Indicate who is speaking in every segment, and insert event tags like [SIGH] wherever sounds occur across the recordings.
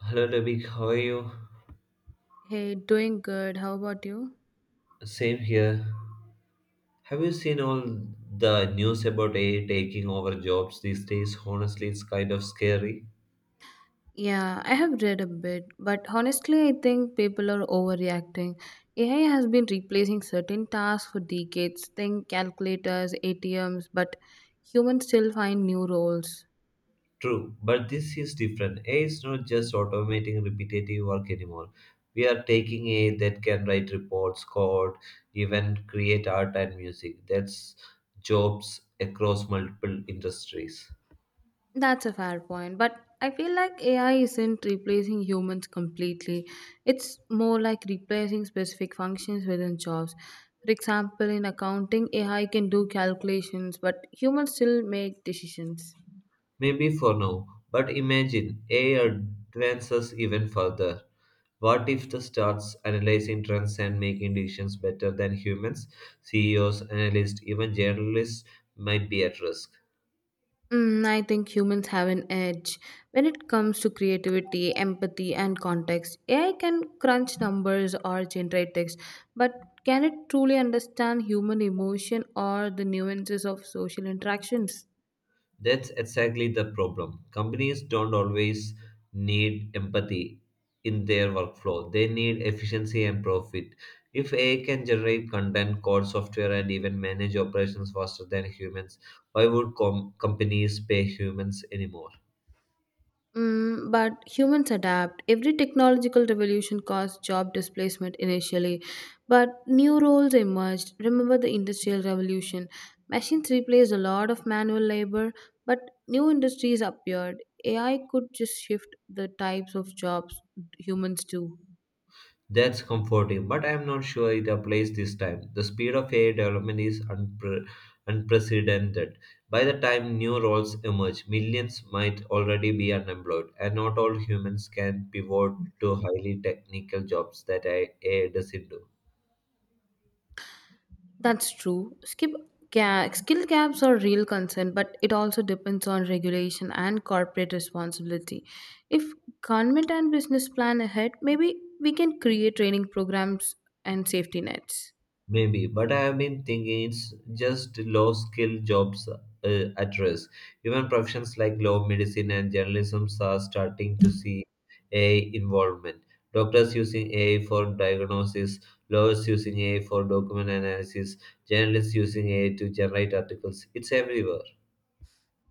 Speaker 1: Hello, Debbie. How are you?
Speaker 2: Hey, doing good. How about you?
Speaker 1: Same here. Have you seen all the news about AI taking over jobs these days? Honestly, it's kind of scary.
Speaker 2: Yeah, I have read a bit, but honestly, I think people are overreacting. AI has been replacing certain tasks for decades, think calculators, ATMs, but humans still find new roles.
Speaker 1: True, but this is different. AI is not just automating repetitive work anymore. We are taking AI that can write reports, code, even create art and music. That's jobs across multiple industries.
Speaker 2: That's a fair point, but I feel like AI isn't replacing humans completely. It's more like replacing specific functions within jobs. For example, in accounting, AI can do calculations, but humans still make decisions.
Speaker 1: Maybe for now, but imagine AI advances even further. What if the starts analyzing trends and making decisions better than humans? CEOs, analysts, even journalists might be at risk.
Speaker 2: I think humans have an edge when it comes to creativity, empathy, and context. AI can crunch numbers or generate text, but can it truly understand human emotion or the nuances of social interactions?
Speaker 1: That's exactly the problem. Companies don't always need empathy in their workflow, they need efficiency and profit. If AI can generate content, code software, and even manage operations faster than humans, why would companies pay humans anymore?
Speaker 2: But humans adapt. Every technological revolution caused job displacement initially, but new roles emerged. Remember the Industrial Revolution. Machines replaced a lot of manual labor, but new industries appeared. AI could just shift the types of jobs humans do.
Speaker 1: That's comforting, but I am not sure it applies this time. The speed of AI development is unprecedented. By the time new roles emerge, millions might already be unemployed, and not all humans can pivot to highly technical jobs that AI doesn't do.
Speaker 2: That's true. Skill gaps are real concern, but it also depends on regulation and corporate responsibility. If government and business plan ahead, maybe we can create training programs and safety nets.
Speaker 1: Maybe, but I have been thinking it's just low skill jobs at risk. Even professions like law, medicine, and journalism are starting to see AI involvement. Doctors using AI for diagnosis, lawyers using AI for document analysis, journalists using AI to generate articles. It's everywhere.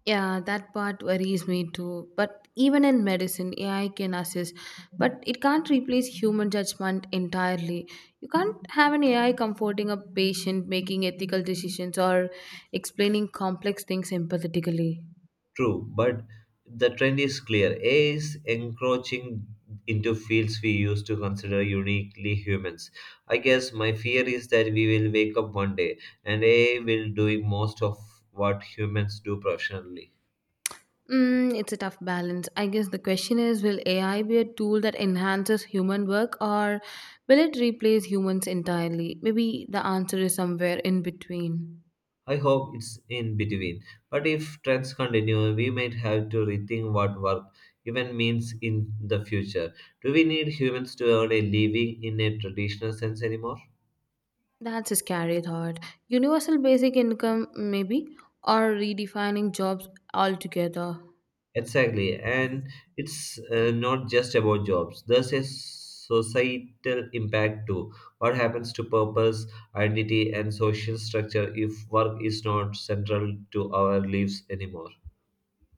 Speaker 2: Yeah, that part worries me too. But even in medicine, AI can assist, but it can't replace human judgment entirely. You can't have an AI comforting a patient, making ethical decisions, or explaining complex things empathetically.
Speaker 1: True, but the trend is clear. AI is encroaching into fields we used to consider uniquely humans. I guess my fear is that we will wake up one day and AI will doing most of what humans do professionally.
Speaker 2: It's a tough balance. I guess the question is will AI be a tool that enhances human work or will it replace humans entirely? Maybe the answer is somewhere in between.
Speaker 1: I hope it's in between. But if trends continue, we might have to rethink what work even means in the future. Do we need humans to earn a living in a traditional sense anymore?
Speaker 2: That's a scary thought. Universal basic income, maybe, or redefining jobs altogether.
Speaker 1: Exactly, and it's not just about jobs. There's a societal impact too. What happens to purpose, identity, and social structure if work is not central to our lives anymore?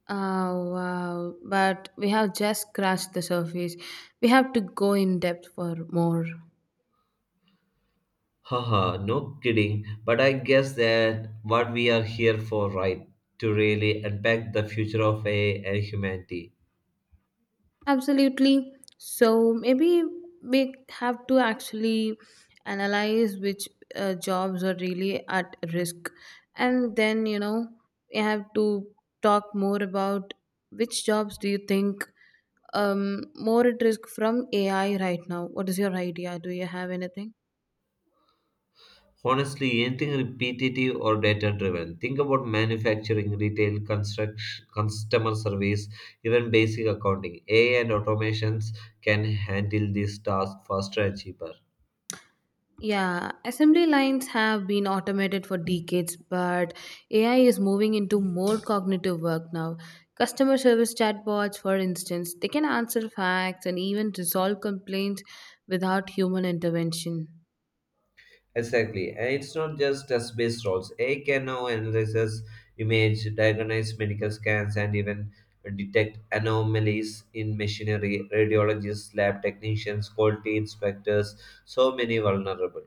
Speaker 2: Oh, wow. But we have just scratched the surface. We have to go in depth for more.
Speaker 1: Haha, no kidding. But I guess that what we are here for, right? To really unpack the future of AI and humanity.
Speaker 2: Absolutely. So maybe we have to actually analyze which jobs are really at risk. And then, we have to talk more about which jobs do you think more at risk from AI right now? What is your idea? Do you have anything?
Speaker 1: Honestly, anything repetitive or data driven. Think about manufacturing, retail, construction, customer service, even basic accounting. AI and automations can handle these tasks faster and cheaper.
Speaker 2: Yeah, assembly lines have been automated for decades, but AI is moving into more cognitive work now. Customer service chatbots, for instance, they can answer facts and even resolve complaints without human intervention.
Speaker 1: Exactly. And it's not just test based roles. AI can now analyze image, diagnose medical scans, and even detect anomalies in machinery, radiologists, lab technicians, quality inspectors, so many vulnerable.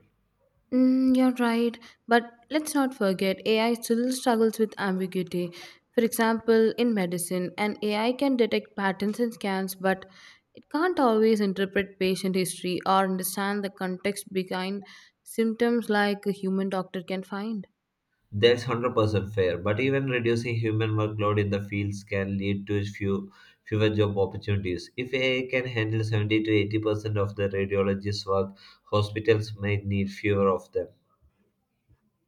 Speaker 2: You're right, but let's not forget AI still struggles with ambiguity. For example, in medicine, an AI can detect patterns in scans, but it can't always interpret patient history or understand the context behind symptoms like a human doctor can find.
Speaker 1: That's 100% fair, but even reducing human workload in the fields can lead to fewer job opportunities. If AI can handle 70 to 80% of the radiologists' work, hospitals might need fewer of them.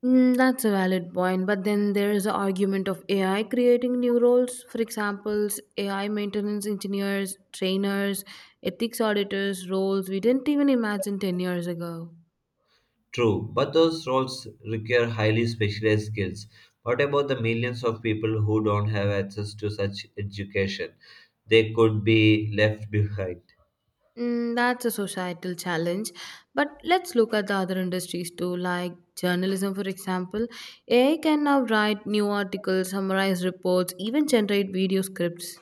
Speaker 2: That's a valid point, but then there is the argument of AI creating new roles. For example, AI maintenance engineers, trainers, ethics auditors, roles we didn't even imagine 10 years ago.
Speaker 1: True, but those roles require highly specialized skills. What about the millions of people who don't have access to such education? They could be left behind.
Speaker 2: That's a societal challenge. But let's look at the other industries too, like journalism, for example. AI can now write new articles, summarize reports, even generate video scripts.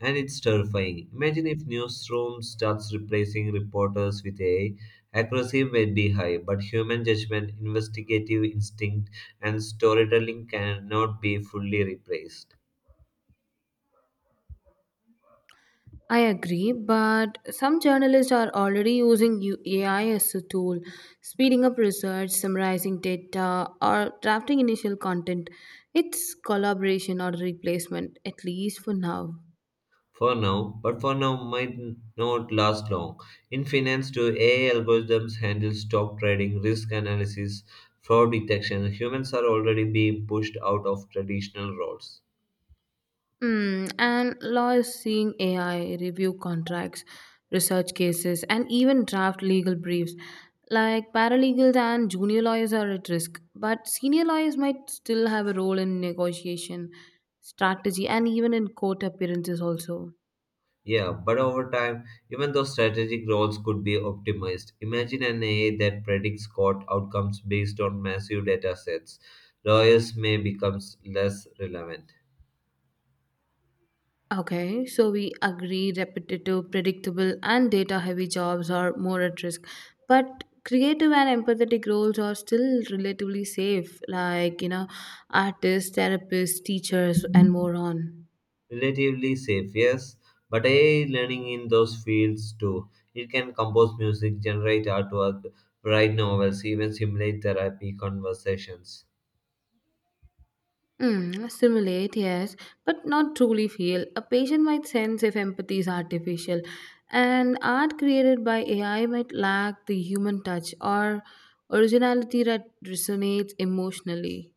Speaker 1: And it's terrifying. Imagine if newsrooms starts replacing reporters with AI. Accuracy may be high, but human judgment, investigative instinct, and storytelling cannot be fully replaced.
Speaker 2: I agree, but some journalists are already using AI as a tool, speeding up research, summarizing data, or drafting initial content. It's collaboration or replacement, at least for now.
Speaker 1: For now, but for now might not last long. In finance, too, AI algorithms handle stock trading, risk analysis, fraud detection. Humans are already being pushed out of traditional roles.
Speaker 2: Hmm, and law is seeing AI review contracts, research cases, and even draft legal briefs. Like paralegals and junior lawyers are at risk, but senior lawyers might still have a role in negotiation, strategy, and even in court appearances also.
Speaker 1: Yeah, but over time, even though strategic roles could be optimized, imagine an AI that predicts court outcomes based on massive data sets. Lawyers may become less relevant.
Speaker 2: Okay, so we agree repetitive, predictable, and data heavy jobs are more at risk. But creative and empathetic roles are still relatively safe, like, artists, therapists, teachers, and more on.
Speaker 1: Relatively safe, yes, but AI learning in those fields too. It can compose music, generate artwork, write novels, even simulate therapy conversations.
Speaker 2: Simulate, yes, but not truly feel. A patient might sense if empathy is artificial, and art created by AI might lack the human touch or originality that resonates emotionally.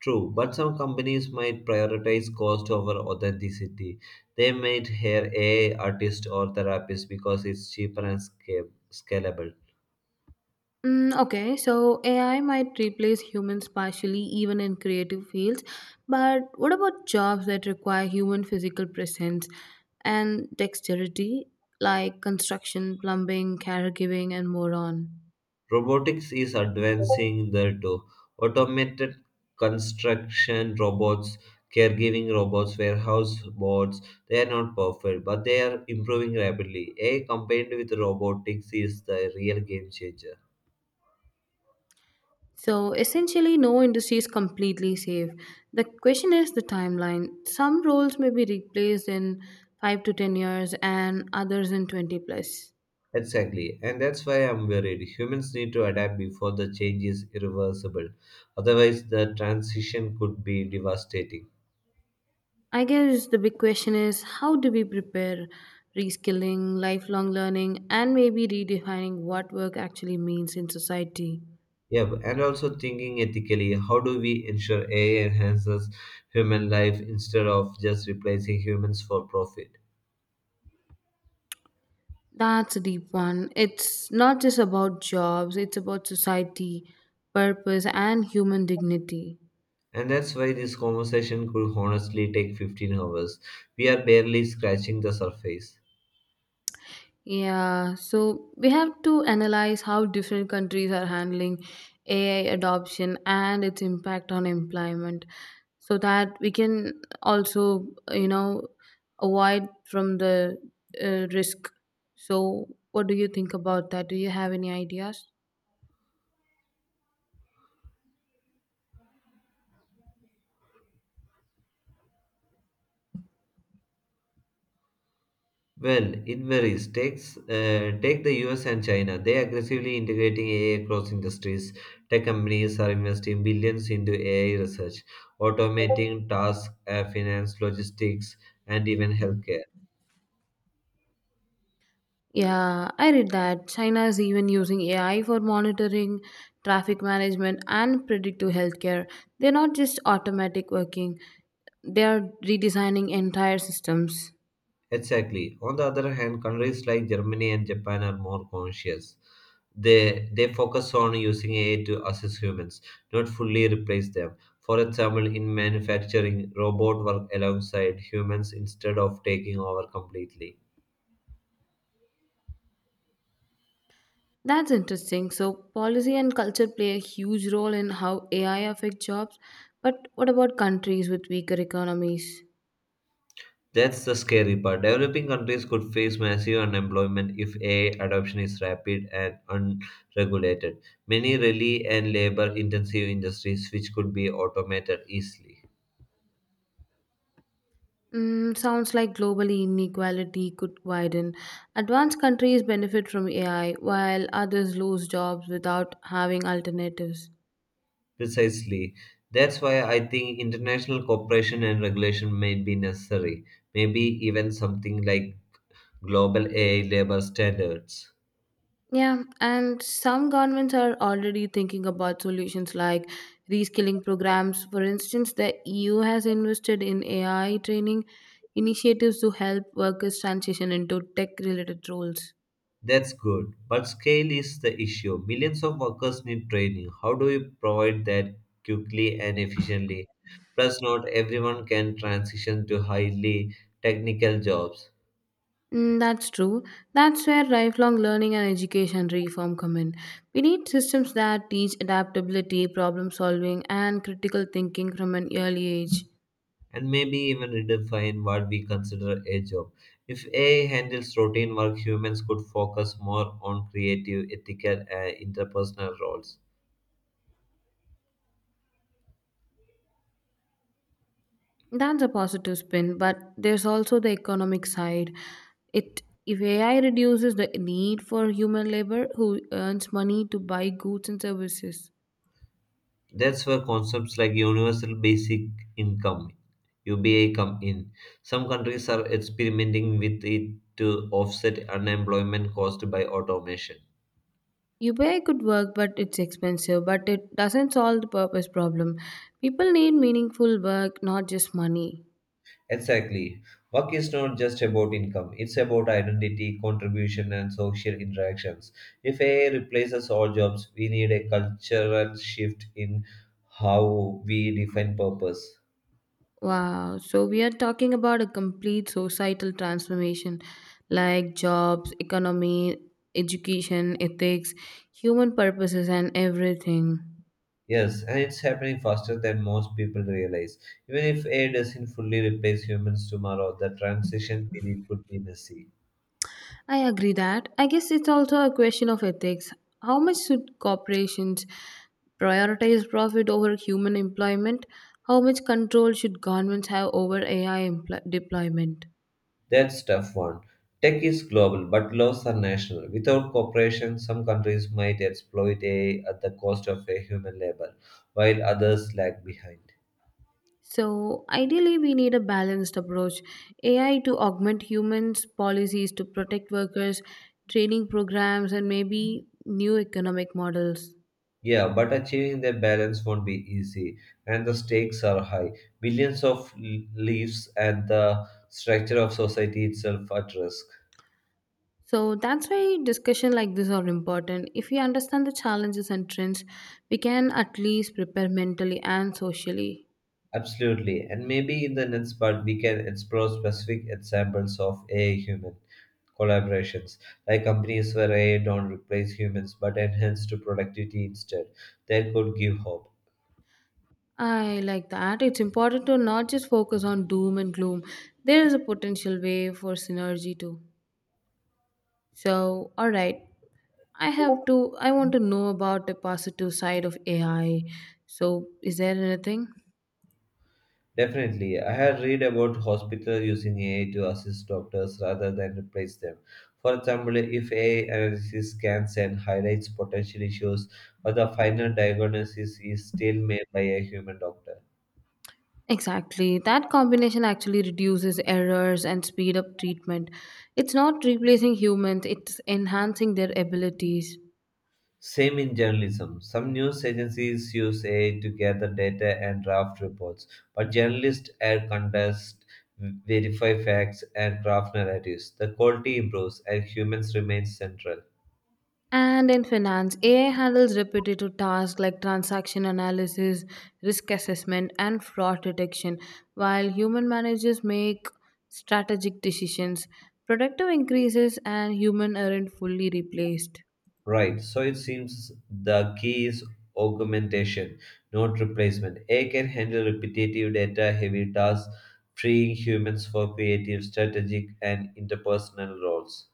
Speaker 1: True, but some companies might prioritize cost over authenticity. They might hire AI artists or therapists because it's cheaper and scalable.
Speaker 2: Okay, so AI might replace humans partially, even in creative fields. But what about jobs that require human physical presence and dexterity, like construction, plumbing, caregiving, and more on?
Speaker 1: Robotics is advancing there too. Automated construction robots, caregiving robots, warehouse bots, they are not perfect, but they are improving rapidly. AI combined with robotics is the real game changer.
Speaker 2: So essentially, no industry is completely safe. The question is the timeline. Some roles may be replaced in 5 to 10 years, and others in 20 plus.
Speaker 1: Exactly, and that's why I'm worried. Humans need to adapt before the change is irreversible. Otherwise, the transition could be devastating.
Speaker 2: I guess the big question is how do we prepare reskilling, lifelong learning, and maybe redefining what work actually means in society?
Speaker 1: Yeah, and also thinking ethically, how do we ensure AI enhances human life instead of just replacing humans for profit?
Speaker 2: That's a deep one. It's not just about jobs, it's about society, purpose, and human dignity.
Speaker 1: And that's why this conversation could honestly take 15 hours. We are barely scratching the surface.
Speaker 2: Yeah, so we have to analyze how different countries are handling AI adoption and its impact on employment so that we can also, avoid from the risk. So, what do you think about that? Do you have any ideas?
Speaker 1: Well, it varies. Take the US and China. They are aggressively integrating AI across industries. Tech companies are investing billions into AI research, automating tasks, finance, logistics, and even healthcare.
Speaker 2: Yeah, I read that China is even using AI for monitoring, traffic management, and predictive healthcare. They're not just automatic working. They are redesigning entire systems.
Speaker 1: Exactly. On the other hand, countries like Germany and Japan are more conscious. They focus on using AI to assist humans, not fully replace them. For example, in manufacturing, robot work alongside humans instead of taking over completely.
Speaker 2: That's interesting. So, policy and culture play a huge role in how AI affects jobs. But what about countries with weaker economies?
Speaker 1: That's the scary part. Developing countries could face massive unemployment if AI adoption is rapid and unregulated. Many rely and labor intensive industries which could be automated easily.
Speaker 2: Sounds like globally inequality could widen. Advanced countries benefit from AI, while others lose jobs without having alternatives.
Speaker 1: Precisely. That's why I think international cooperation and regulation may be necessary. Maybe even something like global AI labor standards.
Speaker 2: Yeah, and some governments are already thinking about solutions like reskilling programs. For instance, the EU has invested in AI training initiatives to help workers transition into tech related roles.
Speaker 1: That's good, but scale is the issue. Millions of workers need training. How do we provide that quickly and efficiently? Plus, not everyone can transition to highly technical jobs
Speaker 2: That's true. That's where lifelong learning and education reform come in. We need systems that teach adaptability, problem solving, and critical thinking from an early age.
Speaker 1: and maybe even redefine what we consider a job. If AI handles routine work, humans could focus more on creative, ethical, and interpersonal roles.
Speaker 2: That's a positive spin, but there's also the economic side. It if AI reduces the need for human labor who earns money to buy goods and services.
Speaker 1: That's where concepts like universal basic income (UBI) come in. Some countries are experimenting with it to offset unemployment caused by automation.
Speaker 2: UPI could work, but it's expensive, but it doesn't solve the purpose problem. People need meaningful work, not just money.
Speaker 1: Exactly. Work is not just about income, it's about identity, contribution, and social interactions. If AI replaces all jobs, we need a cultural shift in how we define purpose.
Speaker 2: Wow, so we are talking about a complete societal transformation like jobs, economy, education, ethics, human purposes, and everything.
Speaker 1: Yes, and it's happening faster than most people realize. Even if AI doesn't fully replace humans tomorrow, the transition period could be messy.
Speaker 2: I agree that. I guess it's also a question of ethics. How much should corporations prioritize profit over human employment? How much control should governments have over deployment?
Speaker 1: That's tough one. Tech is global, but laws are national. Without cooperation, some countries might exploit AI at the cost of a human labor, while others lag behind.
Speaker 2: So, ideally, we need a balanced approach AI to augment humans, policies to protect workers, training programs, and maybe new economic models.
Speaker 1: Yeah, but achieving that balance won't be easy, and the stakes are high. Billions of lives and the structure of society itself at risk.
Speaker 2: So that's why discussion like this are important. If we understand the challenges and trends, we can at least prepare mentally and socially.
Speaker 1: Absolutely. And maybe in the next part, we can explore specific examples of AI human collaborations, like companies where AI don't replace humans but enhance to productivity instead. That could give hope.
Speaker 2: I like that. It's important to not just focus on doom and gloom. There is a potential way for synergy too. So, all right. I want to know about the positive side of AI. So, is there anything?
Speaker 1: Definitely. I had read about hospitals using AI to assist doctors rather than replace them. For example, if AI analysis scans and highlights potential issues, but the final diagnosis is still made by a human doctor.
Speaker 2: Exactly. That combination actually reduces errors and speed up treatment. It's not replacing humans, it's enhancing their abilities.
Speaker 1: Same in journalism. Some news agencies use AI to gather data and draft reports, but journalists add context, verify facts, and craft narratives. The quality improves and humans remain central.
Speaker 2: And in finance, AI handles repetitive tasks like transaction analysis, risk assessment, and fraud detection, while human managers make strategic decisions. Productive increases and human aren't fully replaced.
Speaker 1: Right, so it seems the key is augmentation, not replacement. AI can handle repetitive data heavy tasks, freeing humans for creative, strategic, and interpersonal roles.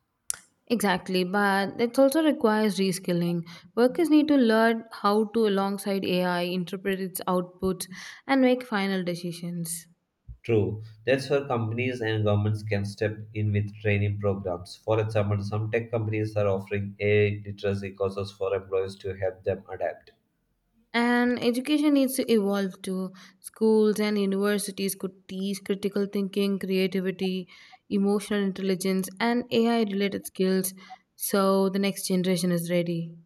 Speaker 2: Exactly, but it also requires reskilling. Workers need to learn how to, alongside AI, interpret its outputs and make final decisions.
Speaker 1: True, that's where companies and governments can step in with training programs. For example, some tech companies are offering AI literacy courses for employees to help them adapt.
Speaker 2: And education needs to evolve too. Schools and universities could teach critical thinking, creativity, emotional intelligence, and AI related skills so the next generation is ready.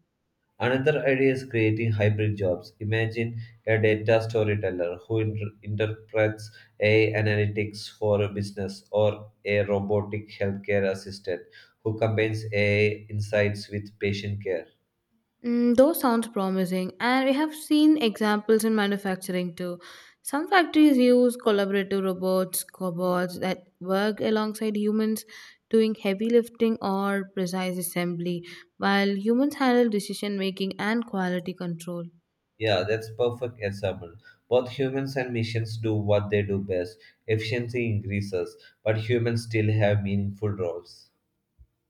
Speaker 1: Another idea is creating hybrid jobs. Imagine a data storyteller who interprets AI analytics for a business or a robotic healthcare assistant who combines AI insights with patient care.
Speaker 2: Those sounds promising, and we have seen examples in manufacturing too. Some factories use collaborative robots, cobots that work alongside humans doing heavy lifting or precise assembly, while humans handle decision making and quality control.
Speaker 1: Yeah, that's perfect example. Both humans and machines do what they do best. Efficiency increases, but humans still have meaningful roles.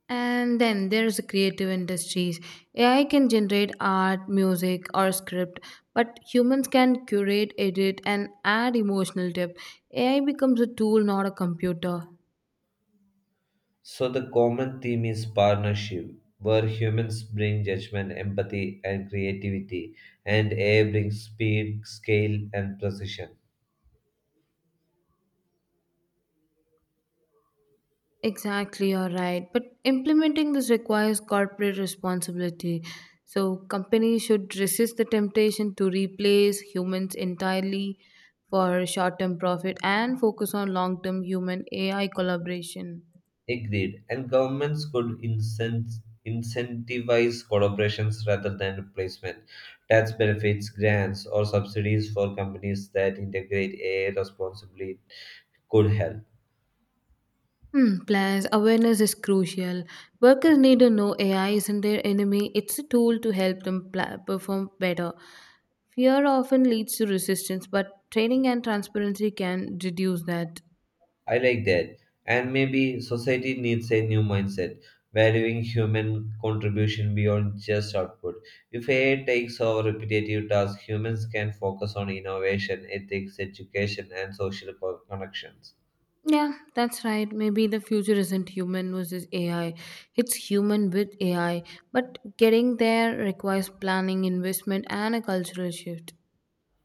Speaker 2: And then there's the creative industries. AI can generate art, music, or script, but humans can curate, edit, and add emotional depth. AI becomes a tool, not a computer.
Speaker 1: So the common theme is partnership, where humans bring judgment, empathy, and creativity, and AI brings speed, scale, and precision.
Speaker 2: Exactly, you're right. But implementing this requires corporate responsibility. So, companies should resist the temptation to replace humans entirely for short term profit and focus on long term human AI collaboration.
Speaker 1: Agreed. And governments could incentivize collaborations rather than replacement. Tax benefits, grants, or subsidies for companies that integrate AI responsibly could help.
Speaker 2: Hmm, plus, awareness is crucial. Workers need to know AI isn't their enemy, it's a tool to help them perform better. Fear often leads to resistance, but training and transparency can reduce that.
Speaker 1: I like that. And maybe society needs a new mindset, valuing human contribution beyond just output. If AI takes over repetitive tasks, humans can focus on innovation, ethics, education, and social connections.
Speaker 2: Yeah, that's right. Maybe the future isn't human versus AI. It's human with AI. But getting there requires planning, investment, and a cultural shift.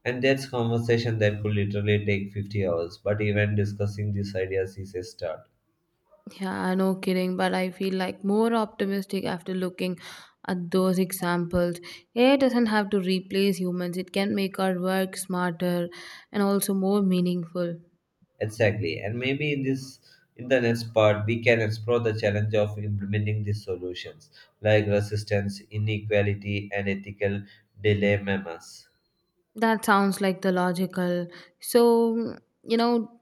Speaker 1: And that's conversation that could literally take 50 hours, but even discussing these ideas is a start.
Speaker 2: Yeah, no kidding. But I feel like more optimistic after looking at those examples. AI doesn't have to replace humans, it can make our work smarter and also more meaningful.
Speaker 1: Exactly. And maybe in this in the next part we can explore the challenge of implementing these solutions, like resistance, inequality and ethical dilemmas.
Speaker 2: That sounds like the logical. So, you know,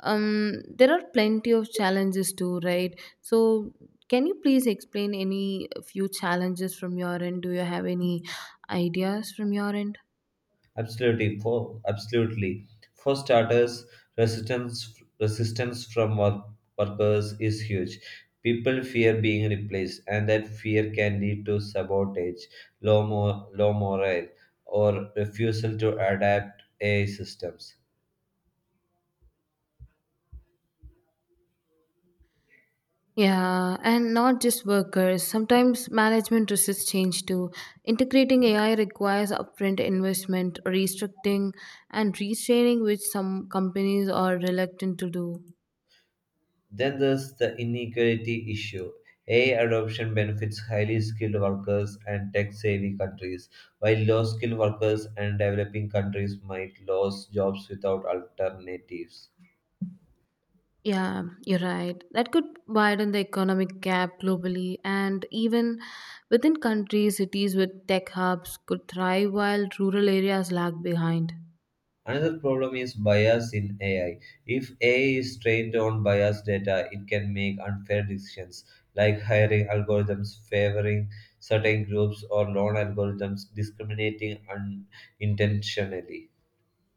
Speaker 2: there are plenty of challenges too, right? So, can you please explain any few challenges from your end? Do you have any ideas from your end?
Speaker 1: Absolutely. For starters, resistance from workers is huge. People fear being replaced, and that fear can lead to sabotage, low morale, or refusal to adapt AI systems.
Speaker 2: Yeah, and not just workers. Sometimes management resists change too. Integrating AI requires upfront investment, restricting, and restraining, which some companies are reluctant to do.
Speaker 1: Then there's the inequality issue. AI adoption benefits highly skilled workers and tech-savvy countries, while low-skilled workers and developing countries might lose jobs without alternatives.
Speaker 2: Yeah, you're right. That could widen the economic gap globally, and even within countries, cities with tech hubs could thrive while rural areas lag behind.
Speaker 1: Another problem is bias in AI. If AI is trained on biased data, it can make unfair decisions like hiring algorithms favoring certain groups or loan algorithms discriminating unintentionally.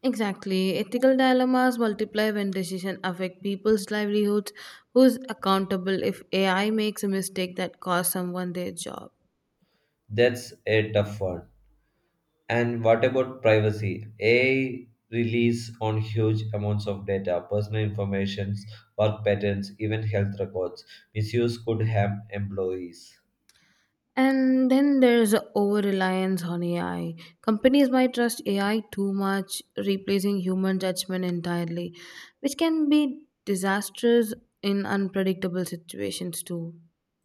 Speaker 2: Exactly. Ethical dilemmas multiply when decisions affect people's livelihoods. Who's accountable if AI makes a mistake that costs someone their job?
Speaker 1: That's a tough one. And what about privacy? AI release on huge amounts of data, personal information, work patterns, even health records. Misuse could harm employees.
Speaker 2: And then there's over reliance on AI. Companies might trust AI too much, replacing human judgment entirely, which can be disastrous in unpredictable situations too.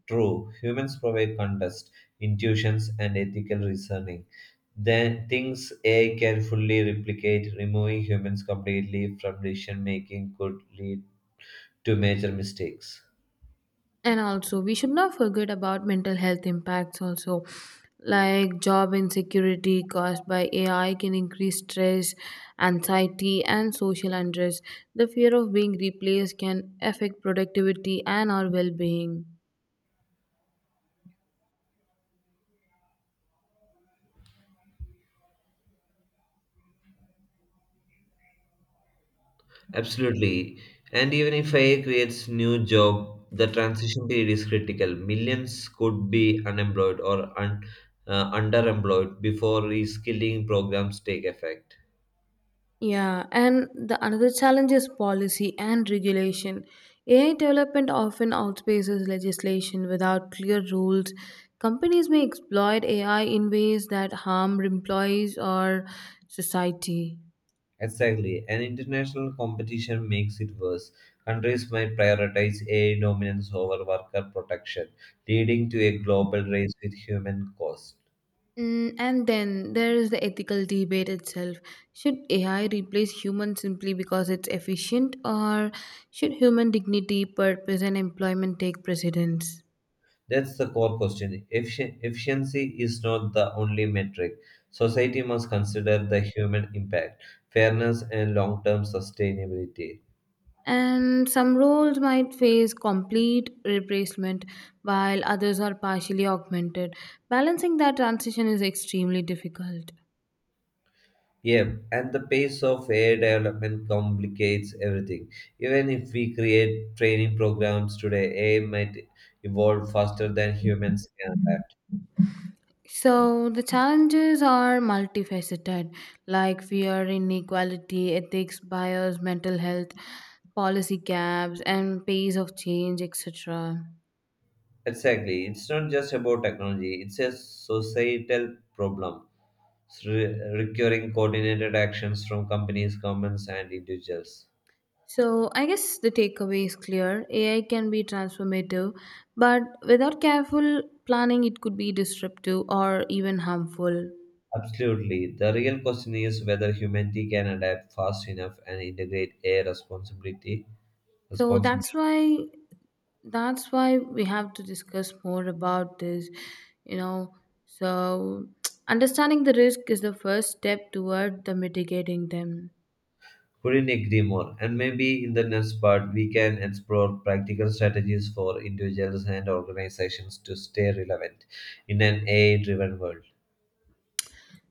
Speaker 1: True, humans provide context, intuitions, and ethical reasoning. Then things AI can fully replicate, removing humans completely from decision making could lead to major mistakes.
Speaker 2: And also, we should not forget about mental health impacts also. Like job insecurity caused by AI can increase stress, anxiety, and social unrest. The fear of being replaced can affect productivity and our well being.
Speaker 1: Absolutely. And even if AI creates new job, the transition period is critical. Millions could be unemployed or underemployed before reskilling programs take effect.
Speaker 2: Yeah, and the another challenge is policy and regulation. AI development often outpaces legislation without clear rules. Companies may exploit AI in ways that harm employees or society.
Speaker 1: Exactly, an international competition makes it worse. Countries might prioritize AI dominance over worker protection, leading to a global race with human cost.
Speaker 2: Mm, and then there is the ethical debate itself. Should AI replace humans simply because it's efficient, or should human dignity, purpose, and employment take precedence?
Speaker 1: That's the core question. Efficiency is not the only metric. Society must consider the human impact, fairness, and long term sustainability.
Speaker 2: And some roles might face complete replacement while others are partially augmented. Balancing that transition is extremely difficult.
Speaker 1: Yeah, and the pace of AI development complicates everything. Even if we create training programs today, AI might evolve faster than humans can adapt.
Speaker 2: So the challenges are multifaceted, like fear, inequality, ethics, bias, mental health, policy gaps, and pace of change, etc.
Speaker 1: Exactly. It's not just about technology, it's a societal problem, requiring coordinated actions from companies, governments, and individuals.
Speaker 2: So I guess the takeaway is clear. AI can be transformative, but without careful planning, it could be disruptive or even harmful.
Speaker 1: Absolutely. The real question is whether humanity can adapt fast enough and integrate AI responsibility,
Speaker 2: So,
Speaker 1: responsibly.
Speaker 2: that's why we have to discuss more about this, you know. So, [TSK] understanding the risk is the first step toward the mitigating them.
Speaker 1: Couldn't agree more. And maybe in the next part, we can explore practical strategies for individuals and organizations to stay relevant in an AI driven world.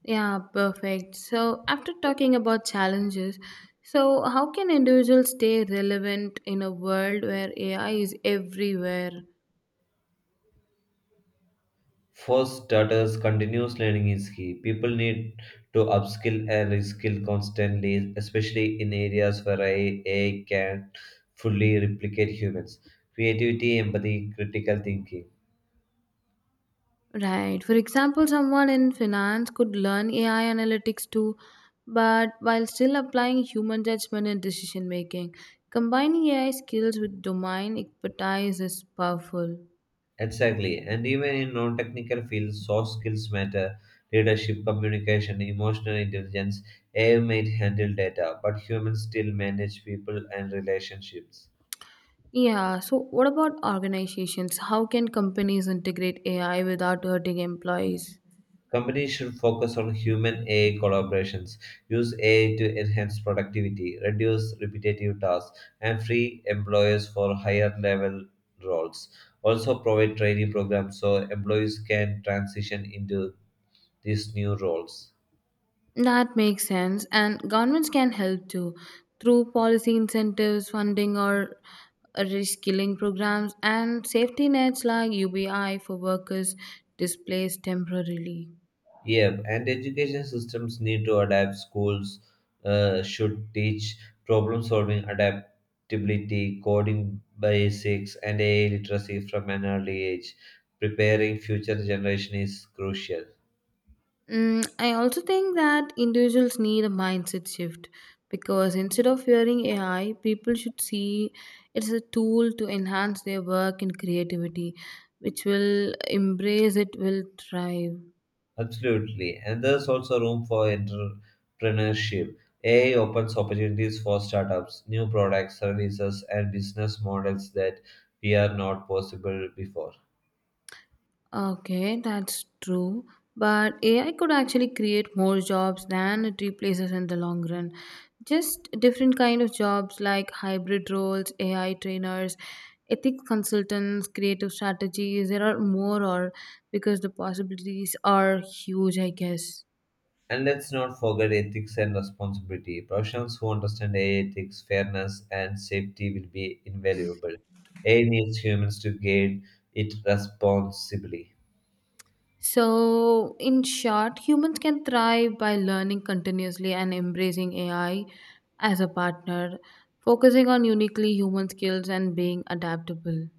Speaker 2: Yeah, perfect. So, after talking about challenges, so how can individuals stay relevant in a world where AI is everywhere?
Speaker 1: For starters, continuous learning is key. People need to upskill and reskill constantly, especially in areas where AI can fully replicate humans. Creativity, empathy, critical thinking.
Speaker 2: Right. For example, someone in finance could learn AI analytics too, but while still applying human judgment in decision making, combining AI skills with domain expertise is powerful.
Speaker 1: Exactly. And even in non technical fields, soft skills matter. Leadership, communication, emotional intelligence, AI might handle data, but humans still manage people and relationships.
Speaker 2: Yeah, so what about organizations? How can companies integrate AI without hurting employees?
Speaker 1: Companies should focus on human AI collaborations, use AI to enhance productivity, reduce repetitive tasks, and free employers for higher level roles. Also, provide training programs so employees can transition into these new roles.
Speaker 2: That makes sense, and governments can help too through policy incentives, funding, or reskilling programs, and safety nets like UBI for workers displaced temporarily.
Speaker 1: Yeah, and education systems need to adapt. Schools should teach problem solving, adaptability, coding basics, and AI literacy from an early age. Preparing future generation is crucial.
Speaker 2: Mm, I also think that individuals need a mindset shift, because instead of fearing AI, people should see it's a tool to enhance their work and creativity, which will embrace it, will thrive.
Speaker 1: Absolutely, and there's also room for entrepreneurship. AI opens opportunities for startups, new products, services, and business models that we are not possible before.
Speaker 2: Okay, that's true. But AI could actually create more jobs than it replaces in the long run. Just different kind of jobs like hybrid roles, AI trainers, ethics consultants, creative strategies. There are more, or because the possibilities are huge, I guess.
Speaker 1: And let's not forget ethics and responsibility. Professionals who understand AI ethics, fairness, and safety will be invaluable. AI needs humans to guide it responsibly.
Speaker 2: So, in short, humans can thrive by learning continuously and embracing AI as a partner, focusing on uniquely human skills and being adaptable.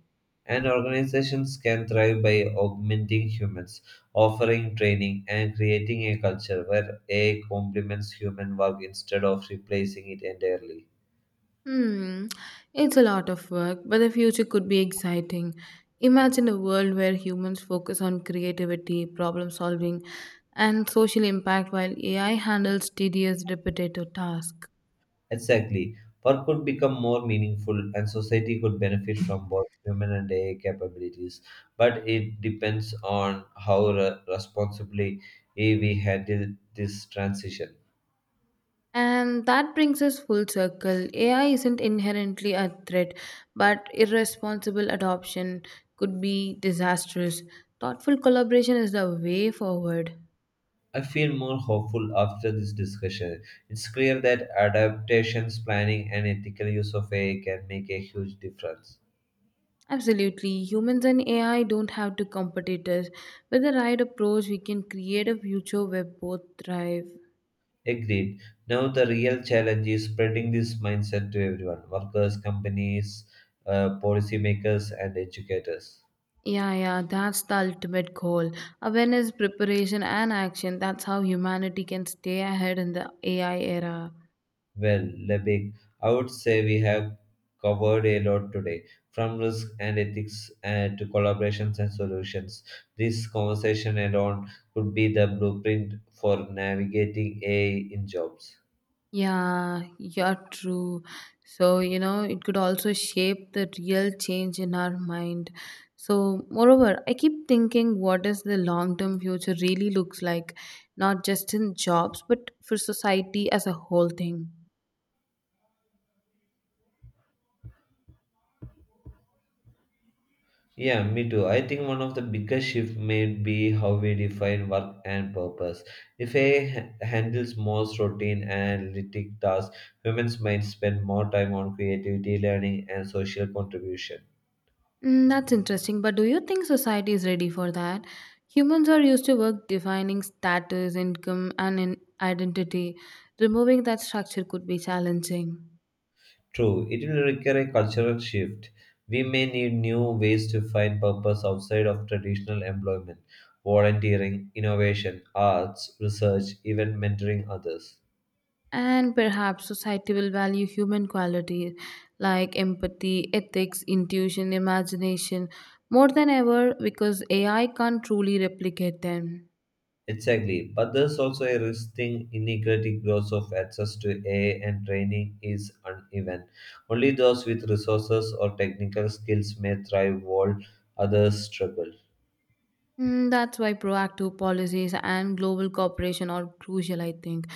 Speaker 1: And organizations can thrive by augmenting humans, offering training, and creating a culture where AI complements human work instead of replacing it entirely.
Speaker 2: Hmm, it's a lot of work, but the future could be exciting. Imagine a world where humans focus on creativity, problem solving, and social impact while AI handles tedious, repetitive tasks.
Speaker 1: Exactly. Work could become more meaningful and society could benefit from both human and AI capabilities. But it depends on how responsibly we handle this transition.
Speaker 2: And that brings us full circle. AI isn't inherently a threat, but irresponsible adoption could be disastrous. Thoughtful collaboration is the way forward.
Speaker 1: I feel more hopeful after this discussion. It's clear that adaptations, planning, and ethical use of AI can make a huge difference.
Speaker 2: Absolutely. Humans and AI don't have to compete us. With the right approach, we can create a future where both thrive.
Speaker 1: Agreed. Now, the real challenge is spreading this mindset to everyone workers, companies, policymakers, and educators.
Speaker 2: Yeah, yeah, that's the ultimate goal. Awareness, preparation, and action. That's how humanity can stay ahead in the AI era.
Speaker 1: Well, Lebig, I would say we have covered a lot today, from risk and ethics to collaborations and solutions. This conversation alone could be the blueprint for navigating AI in jobs.
Speaker 2: Yeah, you're true. So, you know, it could also shape the real change in our mind. So, moreover, I keep thinking what does the long term future really looks like, not just in jobs, but for society as a whole thing.
Speaker 1: Yeah, me too. I think one of the biggest shifts may be how we define work and purpose. If AI handles most routine and analytic tasks, humans might spend more time on creativity, learning, and social contribution.
Speaker 2: Mm, that's interesting, but do you think society is ready for that? Humans are used to work defining status, income, and in identity. Removing that structure could be challenging.
Speaker 1: True, it will require a cultural shift. We may need new ways to find purpose outside of traditional employment, volunteering, innovation, arts, research, even mentoring others.
Speaker 2: And perhaps society will value human qualities like empathy, ethics, intuition, imagination more than ever because AI can't truly replicate them.
Speaker 1: Exactly, but there's also a risk thing inequality growth of access to AI and training is uneven. Only those with resources or technical skills may thrive while others struggle.
Speaker 2: Mm, that's why proactive policies and global cooperation are crucial, I think.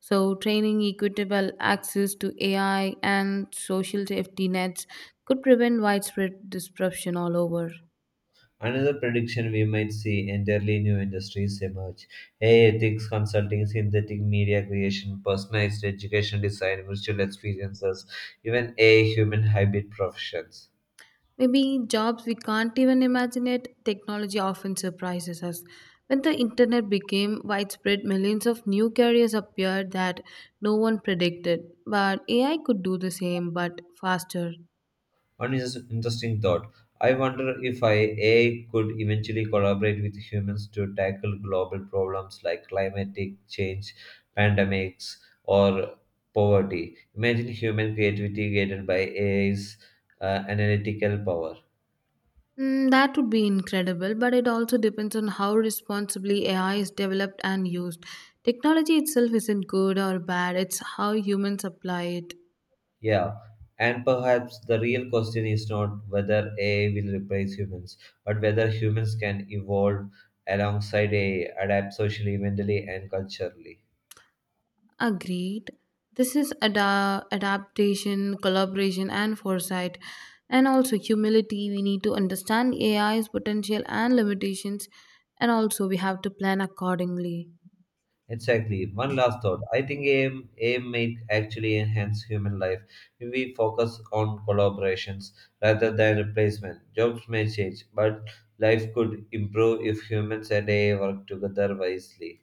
Speaker 2: So, training equitable access to AI and social safety nets could prevent widespread disruption all over.
Speaker 1: Another prediction we might see entirely new industries emerge. AI ethics consulting, synthetic media creation, personalized education design, virtual experiences, even AI human hybrid professions.
Speaker 2: Maybe jobs we can't even imagine it, technology often surprises us. When the internet became widespread, millions of new careers appeared that no one predicted. But AI could do the same, but faster.
Speaker 1: One is interesting thought. I wonder if I, A I could eventually collaborate with humans to tackle global problems like climatic change, pandemics, or poverty. Imagine human creativity guided by AI's analytical power.
Speaker 2: Mm, that would be incredible, but it also depends on how responsibly AI is developed and used. Technology itself isn't good or bad, it's how humans apply it.
Speaker 1: Yeah, and perhaps the real question is not whether AI will replace humans, but whether humans can evolve alongside AI, adapt socially, mentally, and culturally.
Speaker 2: Agreed. This is adaptation, collaboration, and foresight, and also humility. We need to understand AI's potential and limitations, and also we have to plan accordingly.
Speaker 1: Exactly. One last thought. I think AI may actually enhance human life if we focus on collaborations rather than replacement. Jobs may change, but life could improve if humans and AI work together wisely.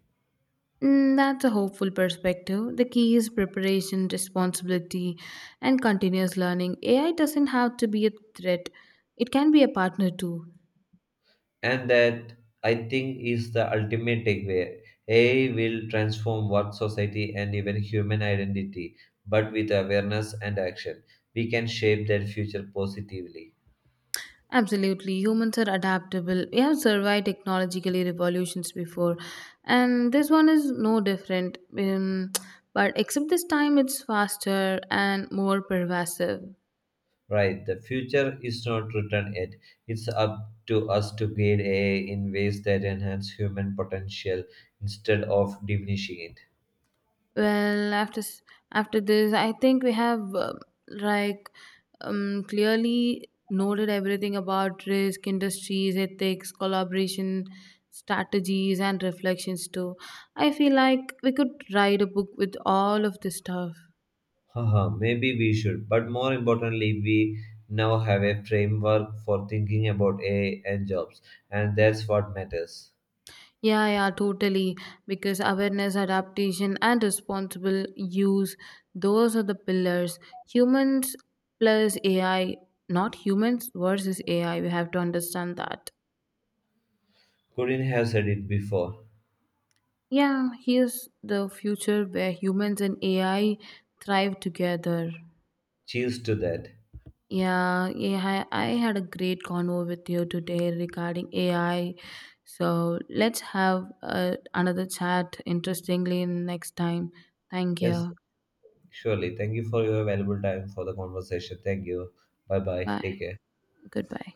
Speaker 2: Mm, that's a hopeful perspective. The key is preparation, responsibility, and continuous learning. AI doesn't have to be a threat, it can be a partner too.
Speaker 1: And that I think is the ultimate takeaway. AI will transform work, society, and even human identity, but with awareness and action, we can shape that future positively.
Speaker 2: Absolutely. Humans are adaptable. We have survived technologically revolutions before, and this one is no different. But except this time, it's faster and more pervasive.
Speaker 1: Right, the future is not written yet. It's up to us to guide AI in ways that enhance human potential instead of diminishing it.
Speaker 2: Well, after this, I think we have like clearly noted everything about risk, industries, ethics, collaboration strategies, and reflections too. I feel like we could write a book with all of this stuff.
Speaker 1: Haha, maybe we should. But more importantly, we now have a framework for thinking about AI and jobs, and that's what matters.
Speaker 2: Yeah, yeah, totally. Because awareness, adaptation, and responsible use, those are the pillars. Humans plus AI, not humans versus AI. We have to understand that.
Speaker 1: Couldn't have said it before.
Speaker 2: Yeah, here's the future where humans and AI thrive together.
Speaker 1: Cheers to that.
Speaker 2: Yeah, yeah, I had a great convo with you today regarding AI. So let's have another chat interestingly next time. Thank
Speaker 1: Yes,
Speaker 2: you.
Speaker 1: surely. Thank you for your valuable time for the conversation. Thank you. Bye bye. Take
Speaker 2: Bye.
Speaker 1: care.
Speaker 2: Goodbye.